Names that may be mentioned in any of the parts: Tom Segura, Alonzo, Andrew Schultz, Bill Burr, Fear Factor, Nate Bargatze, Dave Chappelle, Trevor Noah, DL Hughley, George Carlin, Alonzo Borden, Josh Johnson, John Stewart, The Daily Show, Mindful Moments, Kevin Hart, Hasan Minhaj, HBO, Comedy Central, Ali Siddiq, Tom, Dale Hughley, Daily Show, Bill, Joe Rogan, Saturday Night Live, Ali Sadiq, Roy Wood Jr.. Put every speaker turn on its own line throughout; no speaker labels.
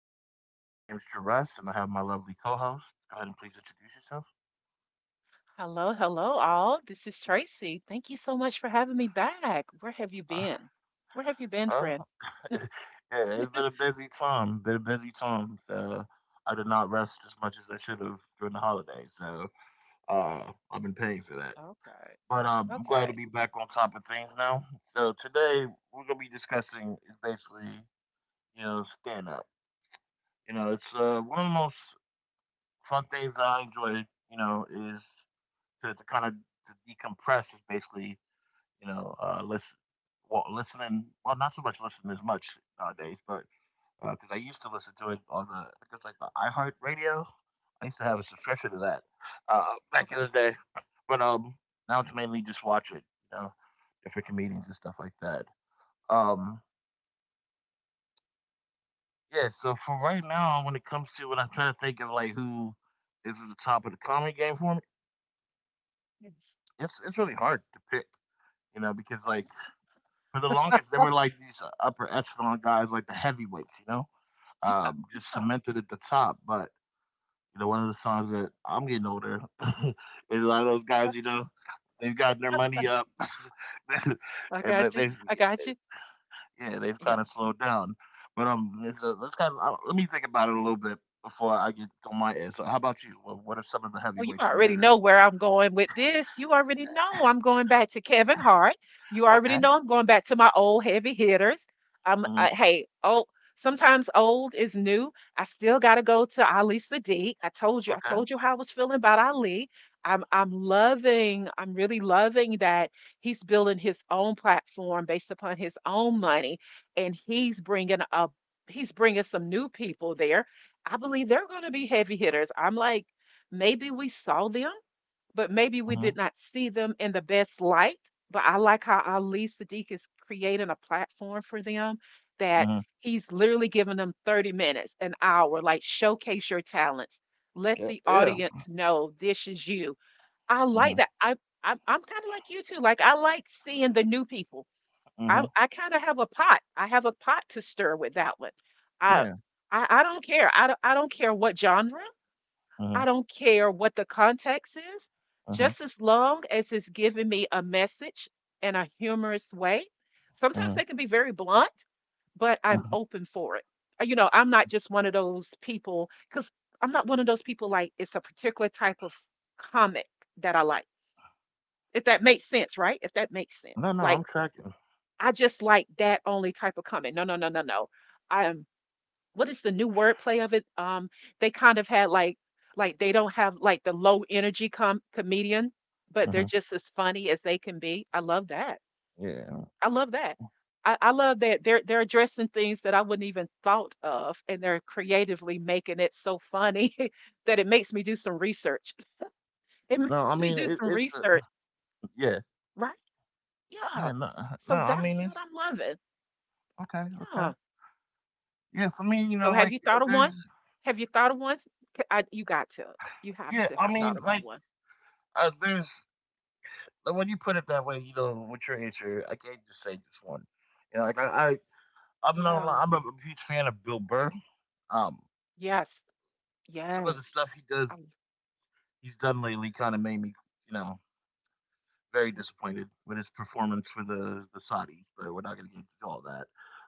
podcast. My name is Jerez, and I have my lovely co-host. Go ahead and please introduce yourself.
Hello, hello, all. This is Tracy. Thank you so much for having me back. Where have you
Uh,
been? Where have you been,
uh,
friend?
yeah, it's been a busy time. Been a busy time. So I did not rest as much as I should have during the holidays. So uh, I've been paying for that.
Okay,
But I'm glad to
okay,
be back on top of things now. So today we're gonna be discussing is basically stand up. It's one of the most fun things I enjoy. You know, is to kind of to decompress is basically listen, well, listening. Well, not so much listening as much nowadays, but because I used to listen to it on the I think like the iHeart Radio. I used to have a subscription to that back
okay.
in the day, but now it's mainly just watch it, you know, different comedians and stuff like that. Um, yeah. So for right now, when it comes to when I'm trying to think of like who is at the top of the comedy game for me,
Yes.
it's really hard to pick, you know, because like for the longest, they were like these upper echelon guys, like the heavyweights, you know,
Yeah,
just
yeah.
cemented at the top. But you know, one of the songs that I'm getting older is a lot of those guys, you know, they've gotten their money up,
I
and that
got you.
they,
I got you.
yeah, they've kind
Yeah.
of slowed down. But it's a, let's kind of let me think about it a little bit before I get on my end. So, how about you? What are some of the
Oh, you
heavyweights on
already
your?
know where I'm going with this. You already know I'm going back to Kevin Hart. You already
Okay.
know I'm going back to my old heavy hitters.
Hmm.
Hey, oh, sometimes old is new. I still got to go to Ali Sadiq. I told you, I
Okay.
told you how I was feeling about Ali. I'm really loving that he's building his own platform based upon his own money, and he's bringing some new people there. I believe they're going to be heavy hitters. I'm like. Maybe we saw them, but maybe we did
Hmm.
not see them in the best light. But I like how Ali Sadiq is creating a platform for them that
Hmm.
he's literally giving them 30 minutes, an hour, like showcase your talents. Let
Yeah.
the
Yeah.
audience know this is you. I like
Hmm.
that. I'm kind of like you too. Like I like seeing the new people. I
Hmm.
I kind of have a pot. I have a pot to stir with that one. I
Yeah.
I don't care. I don't care what genre. I
Hmm.
don't care what the context is,
Hmm.
just as long as it's giving me a message in a humorous way. Sometimes
Hmm.
they can be very blunt, but I'm open for it. You know, I'm not just one of those people because I'm not one of those people like it's a particular type of comic that I like. If that makes sense, right? If that makes
No,
sense.
no,
Like
I'm tracking.
I just like that only type of comic. No, no, no, no, no. I am what is the new wordplay of it? They kind of had like they don't have like the low energy comedian, but
Uh
they're
huh.
just as funny as they can be. I love that.
Yeah.
I love that. I love that they're addressing things that I wouldn't even thought of, and they're creatively making it so funny that it makes me do some research. It
No, I
makes me
mean
do
it,
some
it's
research,
yeah,
right? Yeah.
yeah. No, no,
So
I
that's
mean
what
it's
I'm loving.
okay, okay.
Yeah.
Yeah, for me, you
So
know,
have
like
you thought of
there's
one? Have you thought of one? You got to. You have
yeah,
to
I
have thought
mean
about
like
one.
there's like, when you put it that way, you know, with your answer, I can't just say just one. You know, like I'm no,
Yeah.
I'm a huge fan of Bill Burr. Um,
Yes.
some of the
Yes.
stuff he does,
I,
he's done lately, kind of made me, you know, very
y-
disappointed with his performance for the Saudis. But we're not gonna get into all that.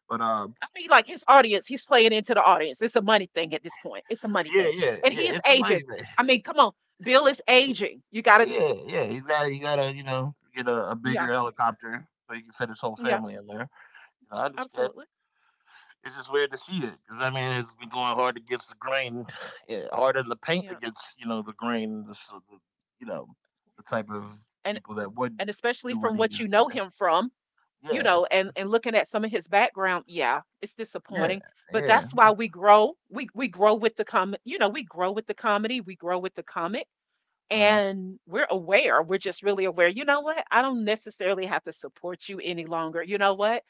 But
I mean, like his audience, he's playing into the audience. It's a money thing at this point. It's a money
yeah,
thing.
yeah,
And he
yeah,
is
it's
aging.
amazing.
I mean, come on. Bill is
Y
aging. You got to.
yeah, you gotta you know, get a
Yeah.
bigger helicopter so you can fit his whole
Yeah.
family in there. You know, I understand.
Absolutely.
It's just weird to see it because I mean, it's been going hard against the grain, yeah, harder than the paint
Yeah,
against, you know, the grain, the so the you know, the
yeah.
type of
And
people that would
and especially
do what
from
he
what you
just did.
know him from, you
Yeah,
know, and looking at some of his background, yeah, it's
yeah,
disappointing, but
yeah,
that's why we grow. We grow with the com, you know, we grow with the comedy, we grow with the comic,
mhm,
and we're aware. We're just really aware, you know what, I don't necessarily have to support you any longer, you know what,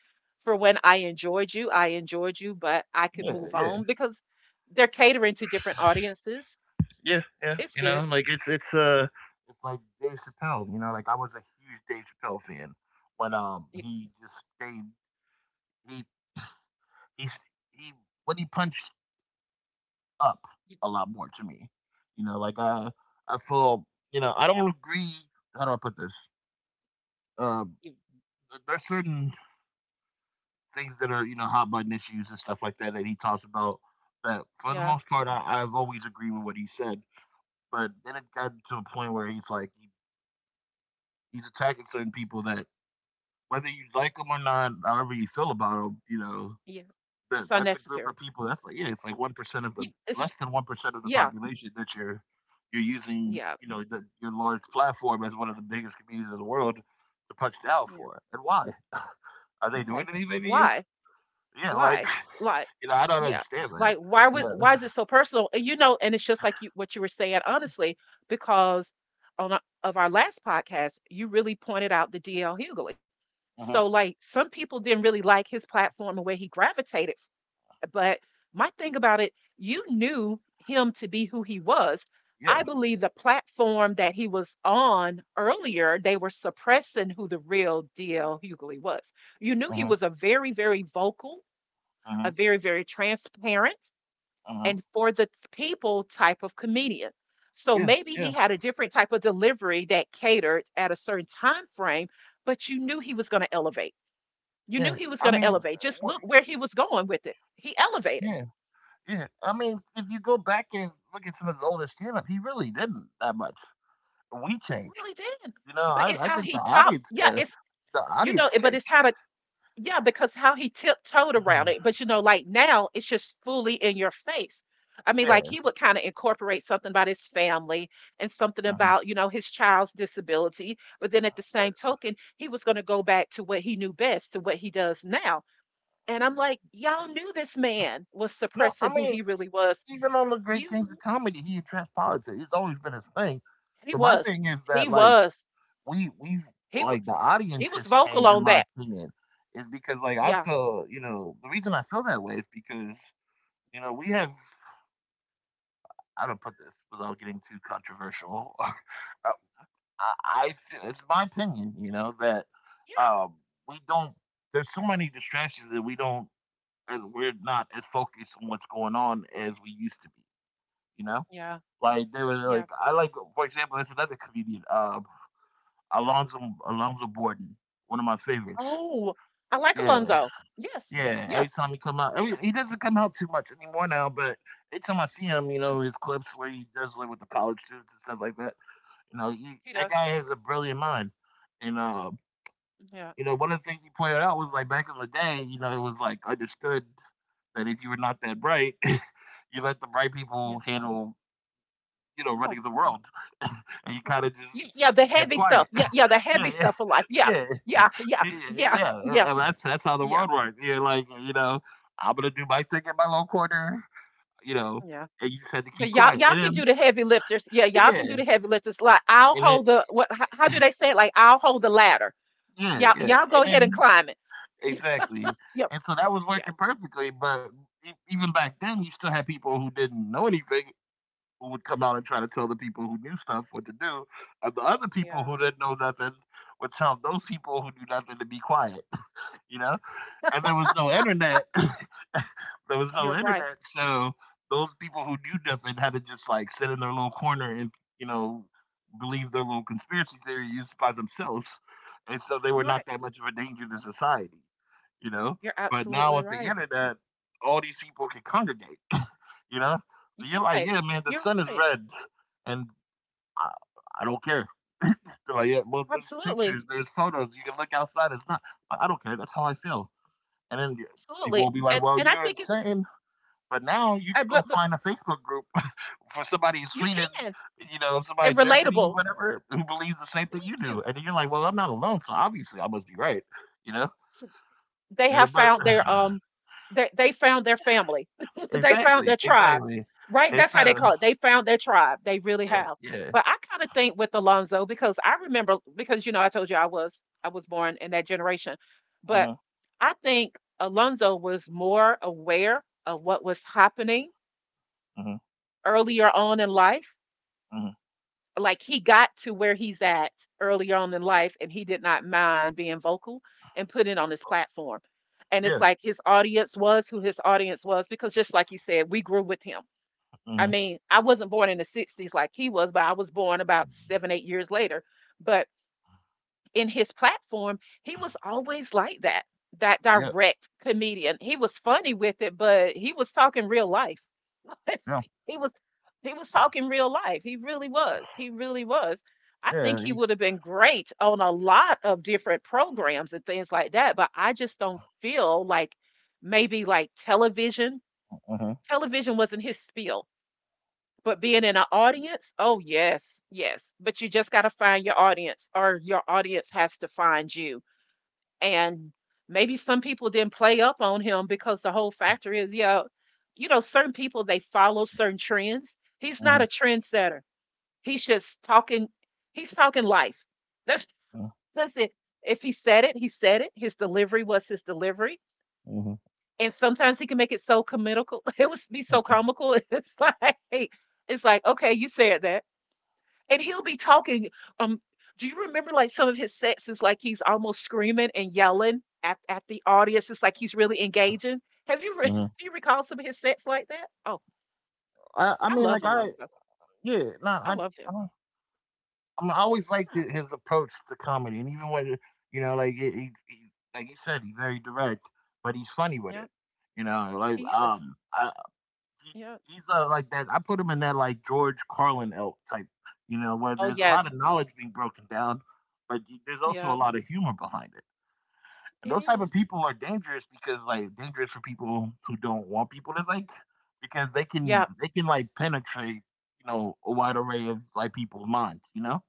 for when I enjoyed you, I enjoyed you, but I could
yeah,
move
yeah.
on because they're catering to different audiences.
Yeah, yeah,
It's
you
good.
know, like it's it's like Dave Chappelle, you know, like I was a huge Dave Chappelle fan when
You-
he just stayed he he s- he when he punched up
you-
a lot more to me. You know, like
you-
I feel, you know, I don't agree, how do I put this? Um
you-
there's certain things that are, you know, hot button issues and stuff like that that he talks about that for the
yeah,
most part I've always agreed with what he said. But then it got to a point where he's attacking certain people that whether you like them or not, however you feel about them, you know,
yeah,
that
it's
that's a group
unnecessary.
of people. That's like yeah, it's like 1% of the
It's,
less than 1% of the
yeah,
population that you're using,
yeah,
you know, your large platform as one of the biggest communities in the world to punch down
yeah.
for. And why are they doing
Why?
anything to you?
Why?
Yeah, like
Why? Like,
you know, I don't
yeah.
understand that.
Like,
Yeah,
why is it so personal? And you know, and it's just like you what you were saying, honestly, because on our, of our last podcast, you really pointed out the DL Hughley. So
uh-huh,
like some people didn't really like his platform and where he gravitated, but my thing about it, you knew him to be who he was. I
yeah,
believe the platform that he was on earlier, they were suppressing who the real deal Hughley was. You knew he
uh-huh.
was a very, very vocal, a
Uh-huh.
very, very transparent,
Uh-huh.
and for the people type of comedian. So
Yeah,
maybe
yeah,
he had a different type of delivery that catered at a certain time frame, but you knew he was going to elevate. You knew
yeah.
he was
I
going to
mean, yeah.
elevate. Just
What?
look where he was going with it. He elevated,
Yeah. Yeah, I mean, if you go back and look at some of his older stand up, he really didn't that much. We changed.
really did.
You know,
But it's
I
how
think
he top, yeah, it's,
the
you know,
audience
it- but
changed.
it's how to, yeah, because how he tiptoed around it. But you know, like now it's just fully in your face. I mean, like
Yeah.
he would kind of incorporate something about his family and something
Hmm.
about, you know, his child's disability. But then at the same
But
token, he was going to go back to what he knew best, to what he does now. And I'm like, y'all knew this man was
no, I
suppressing who he
mean,
really was.
even on the
You,
Great Kings
kn-
of Comedy, he addressed politics. It's always been his thing.
he
But my
was,
thing is
he
that like
was,
we
he
like
was,
the
he
audience
was
has
vocal
changed in
on
my
that.
opinion. Is because like I
Yeah.
feel, you know, the reason I feel that way is because, you know, we have I don't put this without getting too controversial. I it's my opinion, you know, that um, we don't. There's so many distractions that we don't, as we're not as focused on what's going on as we used to be. You know,
Yeah,
like they were
yeah.
like, I like, for example, there's another comedian, Alonzo, Alonzo Borden, one of my favorites.
Oh, I like
Yeah,
Alonzo. Yes,
yeah. Every
yes,
time he come out, every,
yeah,
he doesn't come out too much anymore now. But every time I see him, you know, his clips where he does like with the college students and stuff like that. You know, he,
he
that
does.
guy has a brilliant mind, and
Yeah,
you know, one of the things you pointed out was like back in the day, you know, it was like understood that if you were not that bright, you let the bright
yeah.
people handle, you know,
Oh.
running the world, and you kind of just
Yeah, yeah. The
kept
heavy
quiet.
stuff. Yeah, yeah, the heavy
yeah, yeah,
stuff of life. Yeah,
yeah,
yeah, yeah,
yeah, yeah,
yeah, yeah,
yeah. And that's how the
yeah,
world works. You're like, you know, I'm gonna do my thing in my little corner, you know,
yeah.
and you just had to
But
keep
y'all,
quiet.
y'all can do the heavy lifters. Yeah, y'all can do
Yeah,
the heavy lifters. Like I'll
and then
hold the what? How do they say it? Like I'll hold the ladder.
yeah,
Y'all,
yeah,
y'all go
and
ahead and
then
climb it.
exactly.
Yep, yep,
And so that was
yes,
working perfectly, but even back then, you still had people who didn't know anything who would come out and try to tell the people who knew stuff what to do, and the other people
yeah.
who didn't know nothing would tell those people who knew nothing to be quiet, you know? And there was no internet. there was
You're
no
right.
internet, so those people who knew nothing had to just like sit in their little corner and, you know, believe their little conspiracy theories by themselves. And so they were
You're
not
right.
that much of a danger to society, you know?
You're
But now
absolutely
with the
right.
internet, all these people can congregate, you know? So you're
You're
like,
right.
yeah, man, the
You're
sun is
right.
red, and I, I don't care. They're like, yeah, well, there's
Absolutely.
pictures, there's photos, you can look outside, it's not, I don't care, that's how I feel. And then people
Absolutely,
will be
and
like, well,
and I
you're
think it's
insane, but now you can go
but
find a Facebook group for somebody in
you
Sweden,
can,
you know, somebody
and
in Germany,
relatable.
whatever, who believes the same thing
Thank
you
you.
do. And then you're like, well, I'm not alone, so obviously I must be right, you know?
So they
Yeah,
have
but
found their they found their family. They found their
exactly,
tribe,
exactly.
right? That's
It's
how they call it. They found their tribe. They really
yeah,
have.
yeah.
But I kind of think with Alonzo because I remember because you know I told you I was born in that generation, but
Mhm,
I think Alonzo was more aware of what was happening
mhm,
earlier on in life.
mhm.
Like he got to where he's at early on in life, and he did not mind being vocal and put it on his platform. And
Yeah,
it's like his audience was who his audience was because just like you said, we grew with him.
mhm,
I mean, I wasn't born in the 60s like he was, but I was born about 7, 8 years later. But in his platform, he was always like that, that
yeah,
direct comedian. He was funny with it, but he was talking real life.
yeah,
he was he was talking real life. He really was. He really was. I
yeah.
think he would have been great on a lot of different programs and things like that, but I just don't feel like maybe like television.
Uh huh,
Television wasn't his spiel, but being in an audience, oh yes, yes. But you just got to find your audience or your audience has to find you, and maybe some people didn't play up on him because the whole factor is, yeah, you know, certain people they follow certain trends. He's
uh
not a
huh,
trendsetter. He's just talking. He's talking life. that's
uh
that's it. If he said it, he said it. His delivery was his delivery,
huh.
and sometimes he can make it so comical it would be so comical it's like, it's like, okay, you said that, and he'll be talking. Um, do you remember like some of his sets is like he's almost screaming and yelling at the audience? It's like he's really engaging. Have you re- do you recall some of his sets like that? Oh,
I, I
I
mean,
love
like I,
Alonzo.
yeah, no,
I love
I
him.
don't. I mean, I always liked
Yeah,
it, his approach to comedy, and even when you know, like he like you said, he's very direct, but he's funny with
yeah,
it. You know, like
he is. Yeah.
he's like that. I put him in that like George Carlin elk type, you know, where
Oh
there's a lot of
yes.
knowledge being broken down, but there's also a
Yeah,
lot of humor behind it. And
it
those type of
is.
people are dangerous because like dangerous for people who don't want people to think because they can
Yeah,
they can like penetrate, you know, a wide array of like people's minds, you know,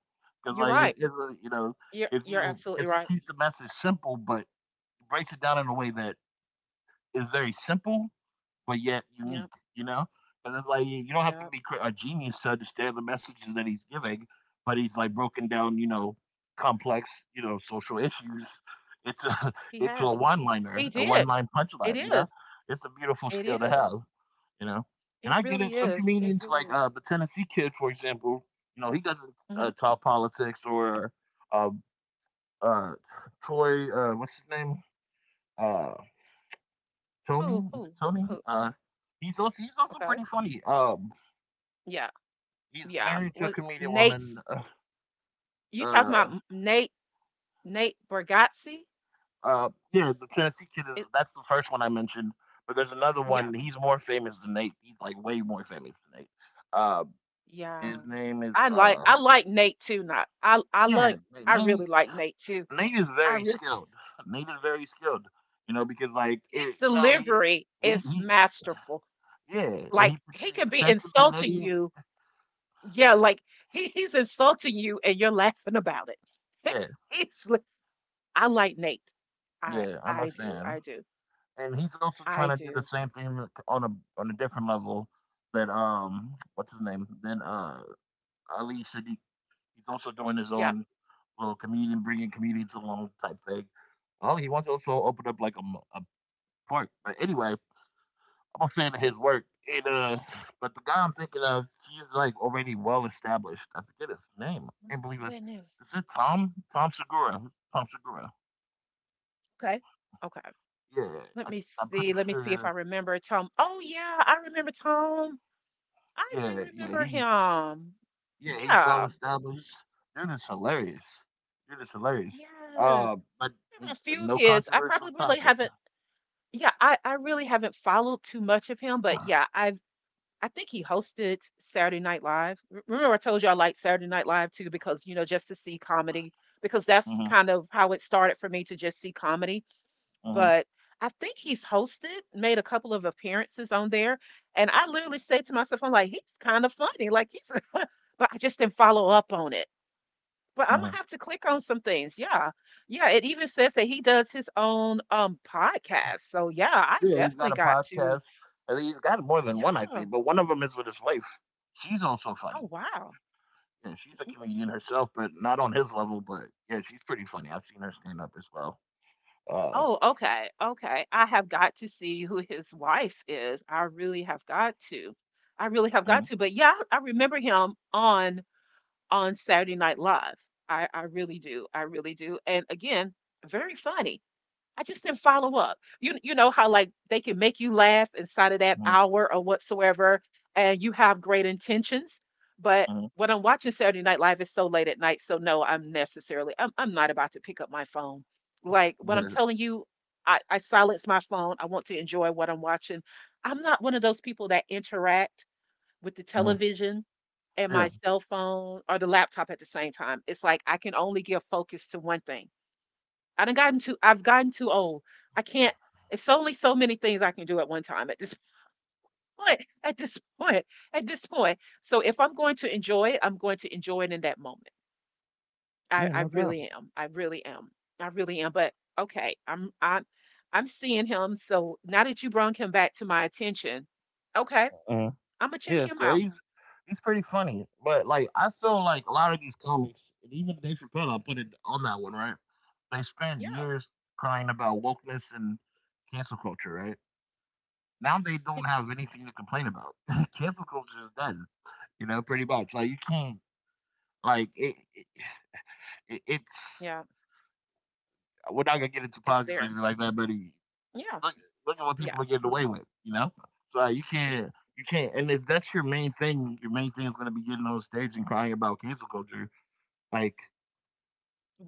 because
you're
like
right.
it's a, you know, if
You're
you,
absolutely
because he
right.
keeps the message simple but breaks it down in a way that is very simple but yet unique,
Yeah,
you know? Because it's like you don't have to
yeah.
be a genius to understand the messages that he's giving, but he's like broken down, you know, complex, you know, social issues. It's a
He
it's a
has.
one liner,
He
a one
did.
line punchline,
It
you know?
is.
It's a beautiful
It
skill to have,
is.
you know? And
It
I get it.
really
Some
is. It
comedians,
really
like
is.
the Tennessee kid, for example, you know, he doesn't
Hmm.
talk politics or uh, uh, Troy, what's his name? Uh,
Who?
Tony. Is it
Who?
Tony?
Who?
He's also
Okay.
pretty funny.
Yeah.
He's
Yeah,
married to a
was
comedian woman.
Nate's, you talking about
Uh,
M Nate Nate Bargatze?
yeah, the Tennessee kid is
It,
that's the first one I mentioned. But there's another
yeah,
one. He's more famous than Nate. He's like way more famous than Nate. Uh,
yeah.
his name is
I like Nate too. Not I I
yeah,
like, I
Nate.
really like Nate too.
Nate is
I
very
really,
skilled. Nate is very skilled. You know because like it,
his
you know
delivery is
he
masterful. Like, he
He
can be
pretends to be an
insulting
idiot.
you. Yeah, like, he he's insulting you, and you're laughing about it.
Yeah,
He's li I like Nate. I
yeah, I'm
I
a
do,
fan.
I do,
And he's also trying
I
to do the
do.
same thing on a different level that what's his name then Ali Siddiq. He's also doing his
Yeah,
own little comedian, bringing comedians along type thing. Oh, he wants to also open up like a park. But anyway, I'm a fan of
yeah.
his work. And But the guy I'm thinking of, he's like already well established. I forget his name. I can't
Mm,
believe it.
goodness.
Is it Tom? Tom Segura. Tom Segura.
Okay, okay.
Yeah,
Let me
I'm pretty
see. Let me see if I
sure.
remember Tom. Oh yeah, I remember Tom. I do
Yeah, yeah.
remember
He
him.
Yeah, he's well
Yeah.
established. Dude is hilarious. Dude is hilarious.
Yes.
Uh, but
I
he,
remember a few of
no
his. I
controversial
probably really
topic.
haven't, yeah, I really haven't followed too much of him, but yeah, I think he hosted Saturday Night Live. Remember I told you I liked Saturday Night Live too because, you know, just to see comedy, because that's
hmm
kind of how it started for me to just see comedy,
hmm
but I think he's hosted, made a couple of appearances on there. And I literally said to myself, I'm like, he's kind of funny. Like he's, but I just didn't follow up on it. But I'm gonna
hmm
have to click on some things. Yeah. Yeah. It even says that he does his own podcast. So yeah, I
Yeah, he's
definitely
got a
got to.
podcast. I think he's got more than one, I
Yeah.
think. But one of them is with his wife. She's also
Oh
funny.
wow.
Yeah, she's a comedian herself, but not on his level. But yeah, she's pretty funny. I've seen her stand up as well. Uh,
Oh, okay. Okay. I have got to see who his wife is. I really have got to. I really have got
mhm,
to. But yeah, I remember him on Saturday Night Live. I really do. I really do. And again, very funny. I just didn't follow up. You know how like they can make you laugh inside of that
mhm,
hour or whatsoever, and you have great intentions. But
mhm.
when I'm watching Saturday Night Live, it's so late at night. So no, I'm necessarily I'm not about to pick up my phone. Like when I'm
Yeah,
telling you, I silence my phone. I want to enjoy what I'm watching. I'm not one of those people that interact with the
mhm,
television and my
yeah,
cell phone or the laptop at the same time. It's like I can only give focus to one thing. I've gotten too old. I can't it's only so many things I can do at one time at this point. At this point. At this point. So if I'm going to enjoy it, I'm going to enjoy it in that moment. I,
yeah,
I
no
really
doubt.
am. I really am. I really am. But okay, I'm seeing him. So now that you brought him back to my attention, okay, I'm gonna
Yeah,
check him
so
out.
he's he's pretty funny, but like I feel like a lot of these comics, and even Dave Chappelle, I put it on that one, right? They spend
Yeah.
years crying about wokeness and cancel culture, right?
Yeah,
Now they don't
It's
have anything to complain about. Cancel culture is done, you know, pretty much. Like you can't, like it it's.
yeah,
We're not gonna get into
it's
politics or
there.
anything like that, but
Yeah.
look look at what people
Yeah.
are getting away with, you know. So you can't. And if that's your main thing is going to be getting on stage and crying about cancel culture. Like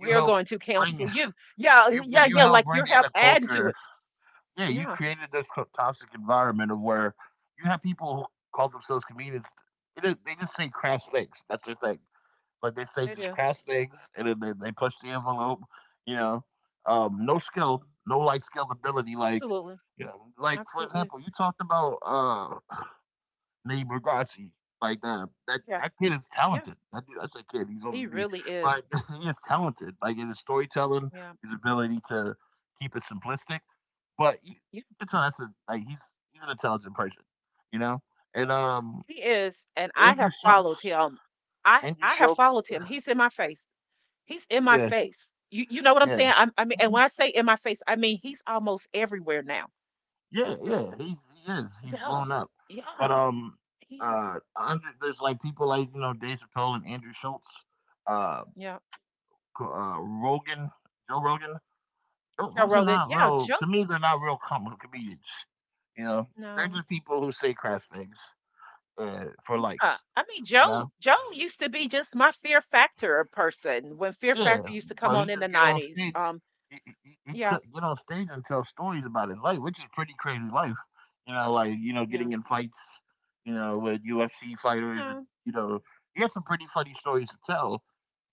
you help
going to
bring
counsel
you
you. Yeah, yeah,
you
yeah.
help
Like you're
bring in
help
a
adding to
culture.
it.
Yeah, you
Yeah,
created this toxic environment of where you have people who call themselves comedians. It is, they just say crass things. That's their thing. Like they say,
it
just
is.
crash things, and then they push the envelope. You know, no skill, no like scalability. Like,
Absolutely.
you know, like for
Absolutely.
example, you talked about Nate Bargatze. Like
Yes.
that kid is talented.
Yes.
That dude, that's a kid. He's older
He
than me,
really
but
is.
he is talented. Like in his storytelling,
Yeah.
his ability to keep it simplistic. But you-
Yeah.
it's not that's a, like He's an intelligent person, you know. And
He is. And I
Andrew
have followed
Schultz,
him. I
Andrew
I have
Schultz,
followed him. He's in my face. He's in my
yeah,
face. You know what I'm
yeah.
saying? I mean, and when I say in my face, I mean he's almost everywhere now.
Yeah,
It's
yeah, he's he is. He's
yeah.
blown up. But
Yeah. He is.
there's like people like, you know, Dave Chappelle and Andrew Schultz, uh,
Yeah.
Rogan, Joe Rogan.
Joe
Those are
Rogan.
not
Yeah,
real
Joe.
to me, they're not real comedians. You know, they're
No.
just people who say crass things for likes,
Yeah, I mean,
you
Joe
know.
Joe used to be just my Fear Factor person when Fear
Yeah,
Factor used to come
but he
on in the
just get on
90s.
stage. He
Yeah,
took get on stage and tell stories about his life, which is pretty crazy life. You know, like you know,
yeah,
getting in fights. You know, with UFC fighters, and
yeah,
you know, he had some pretty funny stories to tell.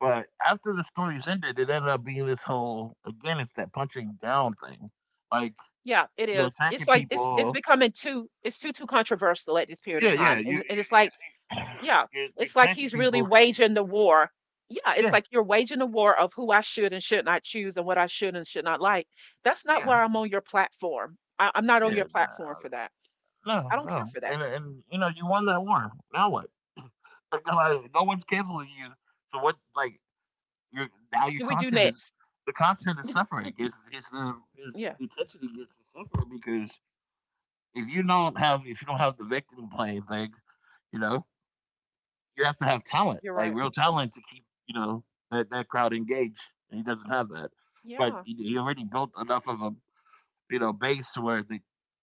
But after the stories ended, it ended up being this whole again, it's that punching down thing. Like
yeah, it
you're
is. It's
attacking
like it's
people.
becoming too too controversial at this period of
Yeah,
time. And it's like,
you-
yeah,
you're
it's like
attacking
he's really
people because you.
waging the war. Yeah, it's
Yeah,
like you're waging a war of who I should and should not choose and what I should and should not like. That's not
yeah,
why I'm on your platform. I'm not on
yeah.
your platform
Nah.
for that.
No,
I don't care
no,
for that.
and you know you won that war. Now what? Like, no one's canceling you. So what? Like
What
your
do we do
content is
next?
suffering. It's
Yeah,
the attention gets is suffering because if you don't have the victim playing thing, you know you have to have talent,
you're
like
right.
real talent, to keep, you know, that crowd engaged. And he doesn't have that,
Yeah.
but he already built enough of a, you know, base to where the,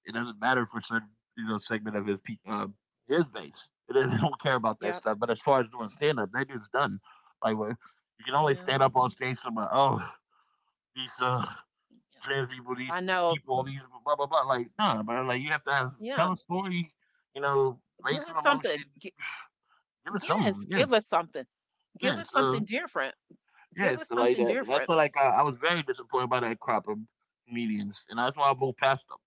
it doesn't matter for certain, you know, segment of um, his base. They don't care about that
Yep.
stuff. But as far as doing stand up, that dude's done. Like, where you can only stand
Yeah.
up on stage somewhere, oh, these
Yeah.
trans
I know.
people, these blah, blah, blah. Like, nah, man. Like, you have to have,
Yeah.
tell a story, you know,
Give
raise some
us
emotion,
something.
give us
Yes.
something. Yeah,
Give us something. Give
yeah.
us something
So,
different.
yeah,
Give us
so like
something
that. And that's
different.
why, like, I was very disappointed by that crop of comedians. And that's why I moved past them.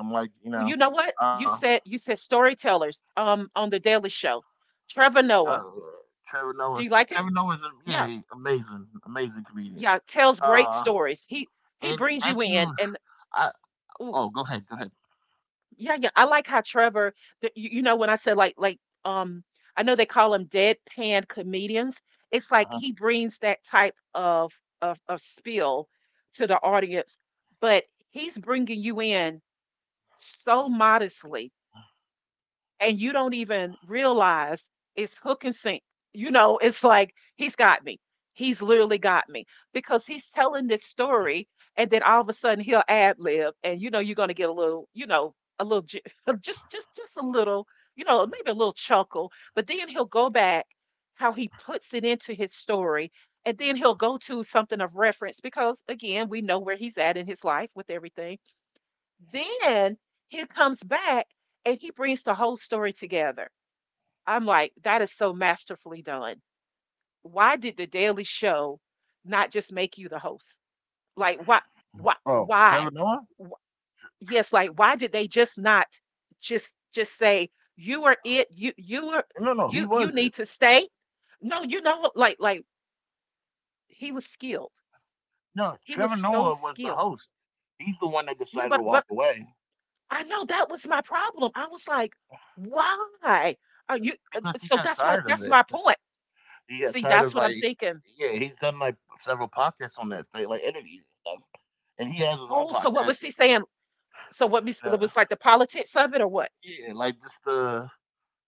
I'm like, you
Oh,
know,
you know what?
I don't
You
know.
said you said storytellers on the Daily Show. Trevor Noah.
Oh, yeah. Trevor
Do
Noah.
you like him?
Trevor Noah's a, yeah,
Yeah.
he- Amazing, amazing comedian.
Yeah. Tells great
Uh,
stories. He
and
brings
that
you in
dude,
and
I
ooh,
oh, go ahead, go ahead.
yeah, yeah. I like how Trevor, you, when I said um, I know they call them deadpan comedians. It's like
Uh-huh.
he brings that type of of spiel to the audience, but he's bringing you in so modestly and you don't even realize it's hook and sink. You know, it's like he's got me. He's literally got me because he's telling this story, and then all of a sudden he'll ad lib, and you know you're gonna get a little, you know, just a little, you know, maybe a little chuckle, but then he'll go back how he puts it into his story, and then he'll go to something of reference because again we know where he's at in his life with everything then he comes back and he brings the whole story together. I'm like, that is so masterfully done. Why did the Daily Show not just make you the host? Like, why,
Oh, Trevor
why?
Noah?
Wh- Yes, like, why did they just not just say you are it? You you are
No, no,
you
he
you need
wasn't.
to stay. No, you know, like he was skilled.
No,
He was
Trevor
so
Noah was the
skilled.
host. He's the one that
Yeah,
decided
but
to
but
walk away
I know that was my problem. I was like, "Why are you"
because he
so
got
that's what
tired of
that's
it.
my point.
He got
See,
tired
that's
of
what I'm
like,
thinking.
yeah, he's done like several podcasts on that thing, like interviews and stuff, and he has his own
Oh, so what was
podcast.
he saying? So what was it
Uh,
was like the politics of it or what?
yeah, like just the.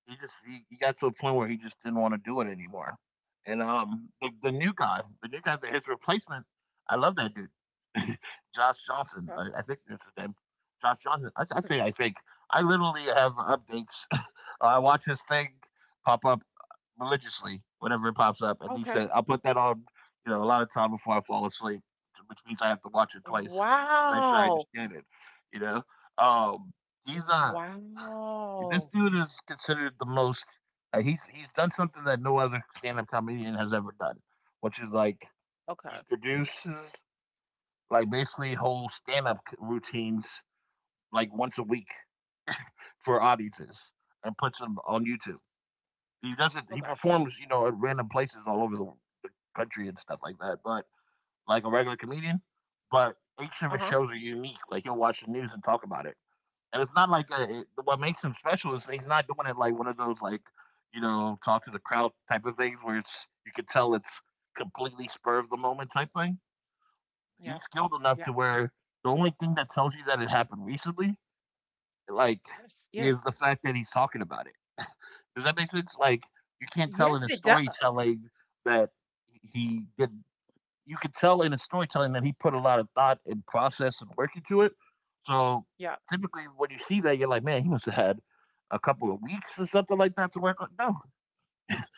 He got to a point where he just didn't want to do it anymore. And the new guy, his replacement, I love that dude, Josh Johnson.
Okay.
I think that's his name, Josh Johnson.
Okay.
I literally have updates. I watch his thing pop up religiously whenever it pops up, and he
Okay.
said I'll put that on, you know, a lot of time before I fall asleep, which means I have to watch it twice to make sure I
Wow.
understand it. You know, um, he's this
Wow.
dude is considered the most. He's done something that no other stand-up comedian has ever done, which is like he
Okay.
produces like basically whole stand-up routines like once a week for audiences and puts them on YouTube. He doesn't. He
Okay.
performs, you know, at random places all over the country and stuff like that. But like a regular comedian, but each of his
Uh-huh.
shows are unique. Like he'll watch the news and talk about it. And it's not like what makes him special is he's not doing it like one of those like, you know, talk to the crowd type of things where it's you can tell it's completely spur of the moment type thing.
Yeah.
He's skilled enough
Yeah.
to where the only thing that tells you that it happened recently, like,
Yes.
is
Yes.
the fact that he's talking about it. Does that make sense? Like, you can't tell in
Yes,
his
it does.
storytelling that he did you could tell in his storytelling that he put a lot of thought and process and work into it. So
Yeah.
typically, when you see that, you're like, man, he must have had a couple of weeks or something like that to work on. No,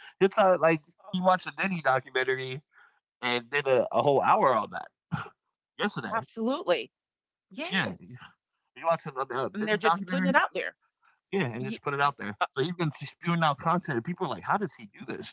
it's not like
Oh,
he watched a Denny documentary and did a
yeah.
whole hour on that yesterday.
Absolutely.
Yeah,
Yes.
he watched a
And they're
Denny
just putting
documentary.
it out there.
Yeah, and just
Ye-
put it out there.
uh,
So he's been spewing out content, and people are like, "How does he do this?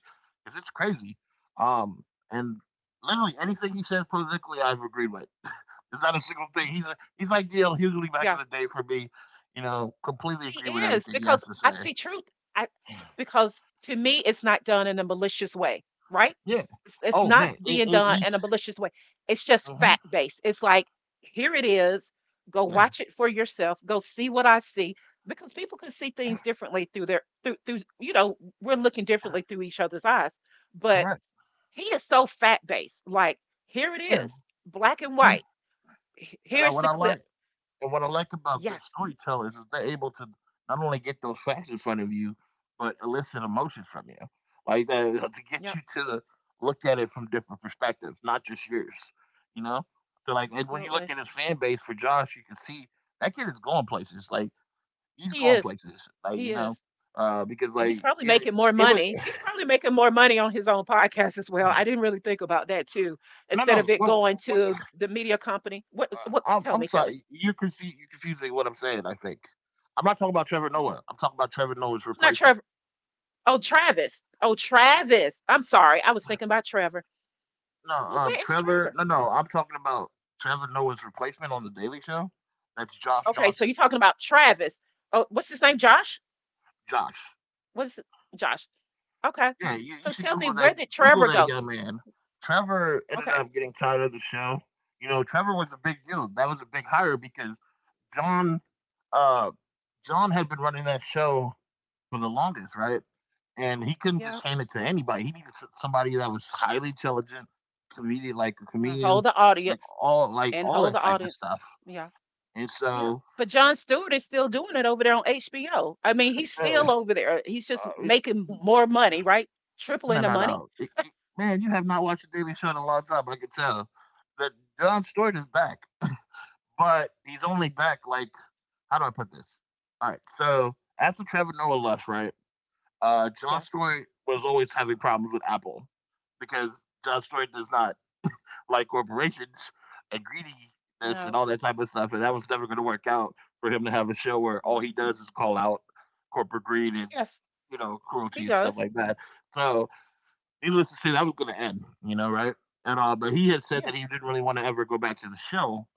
Because it's crazy." Um, and literally anything he says politically, I've agreed with. There's not a single thing. He's like Dale Hughley back in
Yeah.
the day for me. You know, completely
He
agree with
is
everything he has
because
to
I
say.
see truth. I because to me it's not done in a malicious way, right?
Yeah.
It's
Oh
not
man,
being done
he's
in a malicious way. It's just
uh
fact based. It's like here it is. Go
yeah,
watch it for yourself. Go see what I see because people can see things differently through their through you know we're looking differently through each other's eyes. But
correct.
he is so fact based. Like here it
Yeah,
is, black and
yeah.
white.
And I,
Here's
what
the
I
clip.
like, And what I like about good
Yes.
storytellers is they're able to not only get those facts in front of you, but elicit emotions from you, like that to get
Yep.
you to look at it from different perspectives, not just yours. You know, so like, and when you look
Absolutely.
at his fan base for Josh, you can see that kid is going places. Like he's
He
going
is.
places. Like
He
you know,
is.
uh, because
And
like
he's probably
it,
making more
it was
money. He's probably making more money on his own podcast as well. I didn't really think about that too.
no,
Instead
no.
of it going to the media company. What, tell
I'm
me, tell me.
sorry. You're confusing what I'm saying. I think I'm not talking about Trevor Noah.
Oh,
I'm talking about Trevor Noah's
not
replacement.
Trevor. Oh, Travis. Oh, Travis. I'm sorry. I was thinking about Trevor.
No,
Well, where is Trevor?
I'm talking about Trevor Noah's replacement on The Daily Show. That's Josh
Okay, so
Johnson.
you're talking about Travis. Oh, what's his name? Josh?
Josh.
What's Josh? Okay.
Yeah, you
So
should
tell me
Google that.
where did
Google
Trevor
that
go?
young man. Trevor ended
Okay.
up getting tired of the show. You know, Trevor was a big deal. That was a big hire because John, uh, John had been running that show for the longest, right? And he couldn't
Yeah.
just hand it to anybody. He needed somebody that was highly intelligent, comedian, like a
Wanna
comedian,
Hold the audience
like
and
all
hold
that
the
type of
audience.
stuff.
Yeah.
And
Yep.
so
But John Stewart is still doing it over there on HBO. I mean, he's
uh,
still over there. He's just
Uh, it-
making more money, right? Tripling
no,
the
no,
money.
no. Man, you have not watched the Daily Show in a long time. I can tell. That John Stewart is back, but he's only back like, how do I put this? All right. So after Trevor Noah left, right, John
Yeah.
Stewart was always having problems with Apple because John Stewart does not like corporations and greediness and
No.
all that type of stuff, and that was never going to work out for him to have a show where all he
Mm,
does is call out corporate greed and
yes,
you know
he
cruelty and stuff
does.
like that. So needless to say, that was going to end, you know, right? And all, but he had said that
Yes.
he didn't really want to ever go back to the show.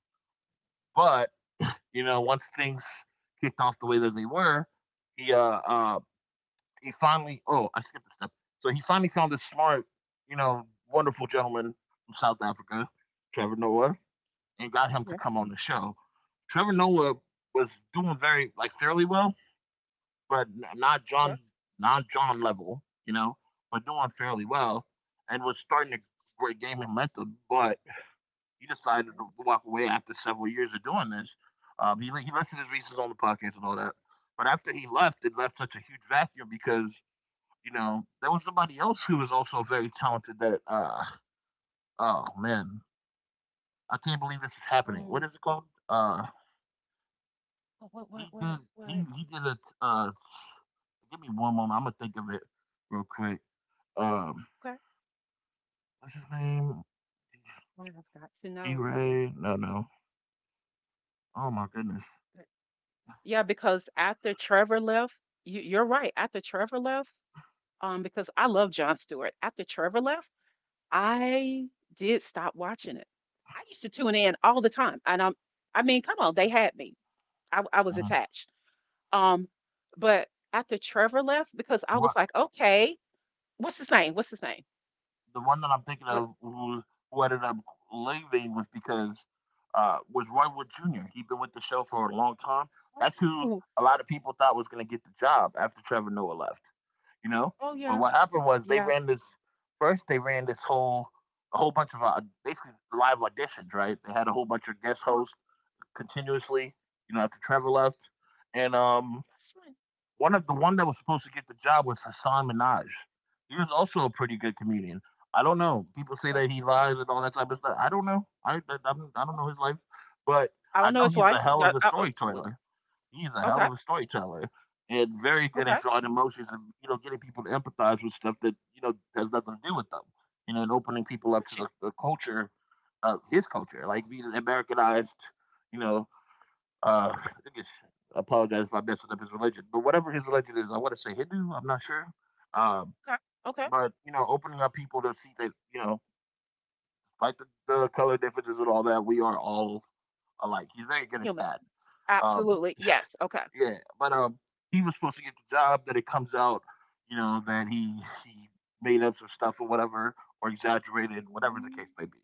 But you know, once things kicked off the way that they were, he uh, uh he finally oh I skipped a step. So he finally found this smart, you know, wonderful gentleman from South Africa, Trevor Noah, and got him to
Yes.
come on the show. Trevor Noah was doing very like fairly well but not John,
Yes.
not John level, you know, but doing fairly well, and was starting to great game momentum. But he decided
Okay.
to walk away after several years of doing this. He listed his reasons on the podcast and all that, but after he left, it left such a huge vacuum because you know there was somebody else who was also very talented. That oh man, I can't believe this is happening. What
Um,
is it called?
oh,
He did he
What?
he did a uh, give me one moment. I'm gonna think of it real quick. Um,
Okay.
what's his name?
Well, I've got to know.
D-Ray? No, no. Oh my goodness.
that- Yeah, because after Trevor left, you, you're right. After Trevor left, because I love John Stewart. After Trevor left, I did stop watching it. I used to tune in all the time, I mean, come on, they had me. I was
Mhm.
attached. Um, but after Trevor left, because I
What,
was like, okay, what's his name?
the one that I'm thinking
What?
of who ended up leaving was because was Roy Wood Jr. He'd been with the show for a long time. That's who
Oh,
a lot of people thought was gonna get the job after Trevor Noah left. You know?
oh
But
yeah,
what happened was they
yeah.
ran this first they ran this whole a whole bunch of basically live auditions, right? They had a whole bunch of guest
Uh-huh.
hosts continuously, you know, after Trevor left. And
That's right.
one of the one that was supposed to get the job was Hassan Minaj. He was also a pretty good comedian. I don't know. People say
Okay.
that he lies and all that type of stuff. I don't know. I don't
Okay.
know his life, but
I
I
don't know
know
his
he's a
life.
hell of a
Absolutely.
storyteller. He's a hell
Okay.
of a storyteller and very good at
Okay.
drawing emotions and you know getting people to empathize with stuff that you know has nothing to do with them. You know, and opening people up to
Got you.
the culture, his culture, like being an Americanized, you know, I think it's. I apologize if I'm messing up his religion, but whatever his religion is, I want to say Hindu. I'm not sure. Um,
Okay. Okay.
but you know, opening up people to see that you know, like the color differences and all that, we are all alike. He's very good at
Human.
that. Um,
Absolutely. Yes. Okay.
yeah, but he was supposed to get the job. That it comes out, you know, that he made up some stuff or whatever, or exaggerated, whatever the
Mm,
case may be.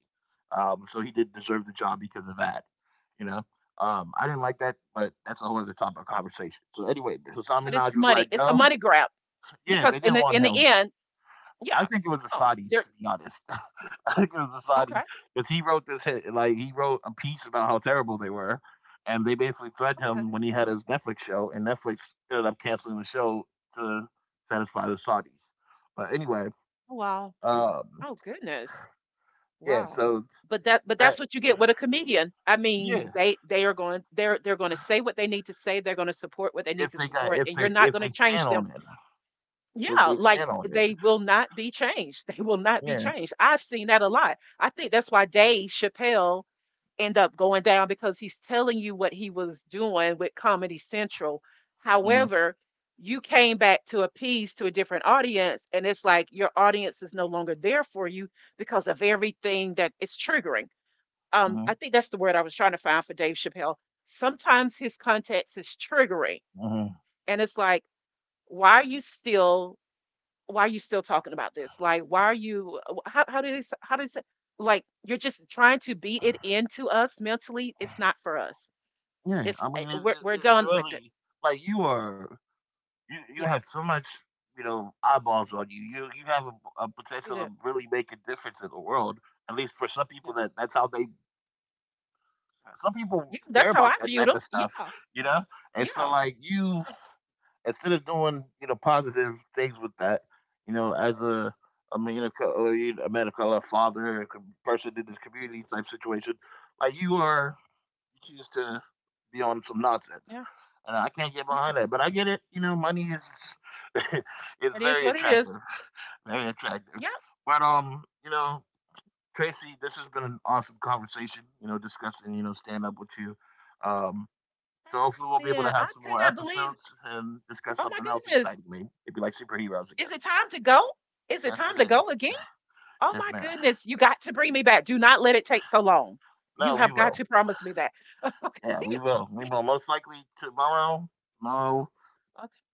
So he did deserve the job because of that. You know, I didn't like that, but that's a whole other topic of conversation. So anyway, Hassan
but it's
Minaj was
money.
like,
It's a
no,
money grab
yeah,
because
they
in
didn't
the
want
in the
him.
end,
I
yeah.
think it was the
Come on.
Saudis, to be honest. I think it was the
Okay.
Saudis because he wrote this hit, like he wrote a piece about how terrible they were, and they basically threatened him
Okay.
when he had his Netflix show, and Netflix ended up canceling the show to satisfy the Saudis. But anyway,
Oh, wow.
um,
Oh goodness.
yeah.
Wow.
So
But that's
that,
what you get with a comedian. I mean,
yeah,
they are going they're going to say what they need to say, they're going to support what they need to support
if
and you're
they
not going to change
stand
them.
on it, if
Yeah,
they
like
stand on it,
they will not be changed. They will not be
yeah.
changed. I've seen that a lot. I think that's why Dave Chappelle end up going down because he's telling you what he was doing with Comedy Central.
Hmm.
However, you came back to appease to a different audience, and it's like your audience is no longer there for you because of everything that it's triggering. I
Hmm.
think that's the word I was trying to find for Dave Chappelle. Sometimes his context is triggering,
Hmm.
and it's like, why are you still why are you still talking about this? Like, why are you? How do this? How does it? Like, you're just trying to beat it into us mentally. It's not for us.
Yeah.
It's
I mean, it's,
we're
it's it's
done with it.
really like you are, you
Yeah,
have so much you know eyeballs on you. You have a
you
potential to
did.
really make a difference in the world. At least for some
Yeah,
people, that that's how they.
yeah.
Some people
Yeah,
care
that's how
about
I
that
viewed
type
them.
of stuff,
Yeah,
you know. And so,
yeah,
like you,
uh,
instead of doing you know positive things with that, you know, as a man of co- or a man of color, father, a com- person in this community type situation, like you are, you choose to be on some nonsense.
yeah,
And I can't get
yeah.
behind that, but I get it. You know, money is is
It is
very
what it is.
attractive, very attractive.
Yeah,
But you know, Tracy, this has been an awesome conversation. You know, discussing you know stand up with you. Um, so hopefully we'll be able to
man,
have
I
some
could
more
not believe.
episodes and discuss
Oh my
something else
goodness,
exciting, maybe maybe like superheroes
is
again.
it time to go? Is it
Yes, it
time to go
is.
again? Oh
Yes,
my
ma'am.
goodness, you got to bring me back. Do not let it take so long. You
No, we
have got
will.
to promise me that.
Yeah, we will. We
Okay.
will most likely tomorrow. Tomorrow.
Okay,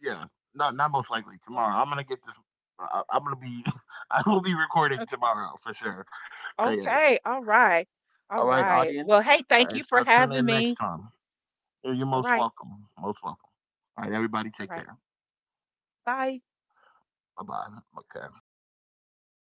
Yeah, not not most likely
okay,
tomorrow. I'm gonna get this. I, I'm gonna be. I will be recording
o-
tomorrow for sure. Okay.
okay. All right, all
All right,
right.
audience.
Well, hey,
All
thank
right,
you for
so tune
having
in next
me.
time. You're
All
most
right,
welcome. Most welcome. All right, everybody,
all
take
right.
care.
Bye.
Bye bye. Okay.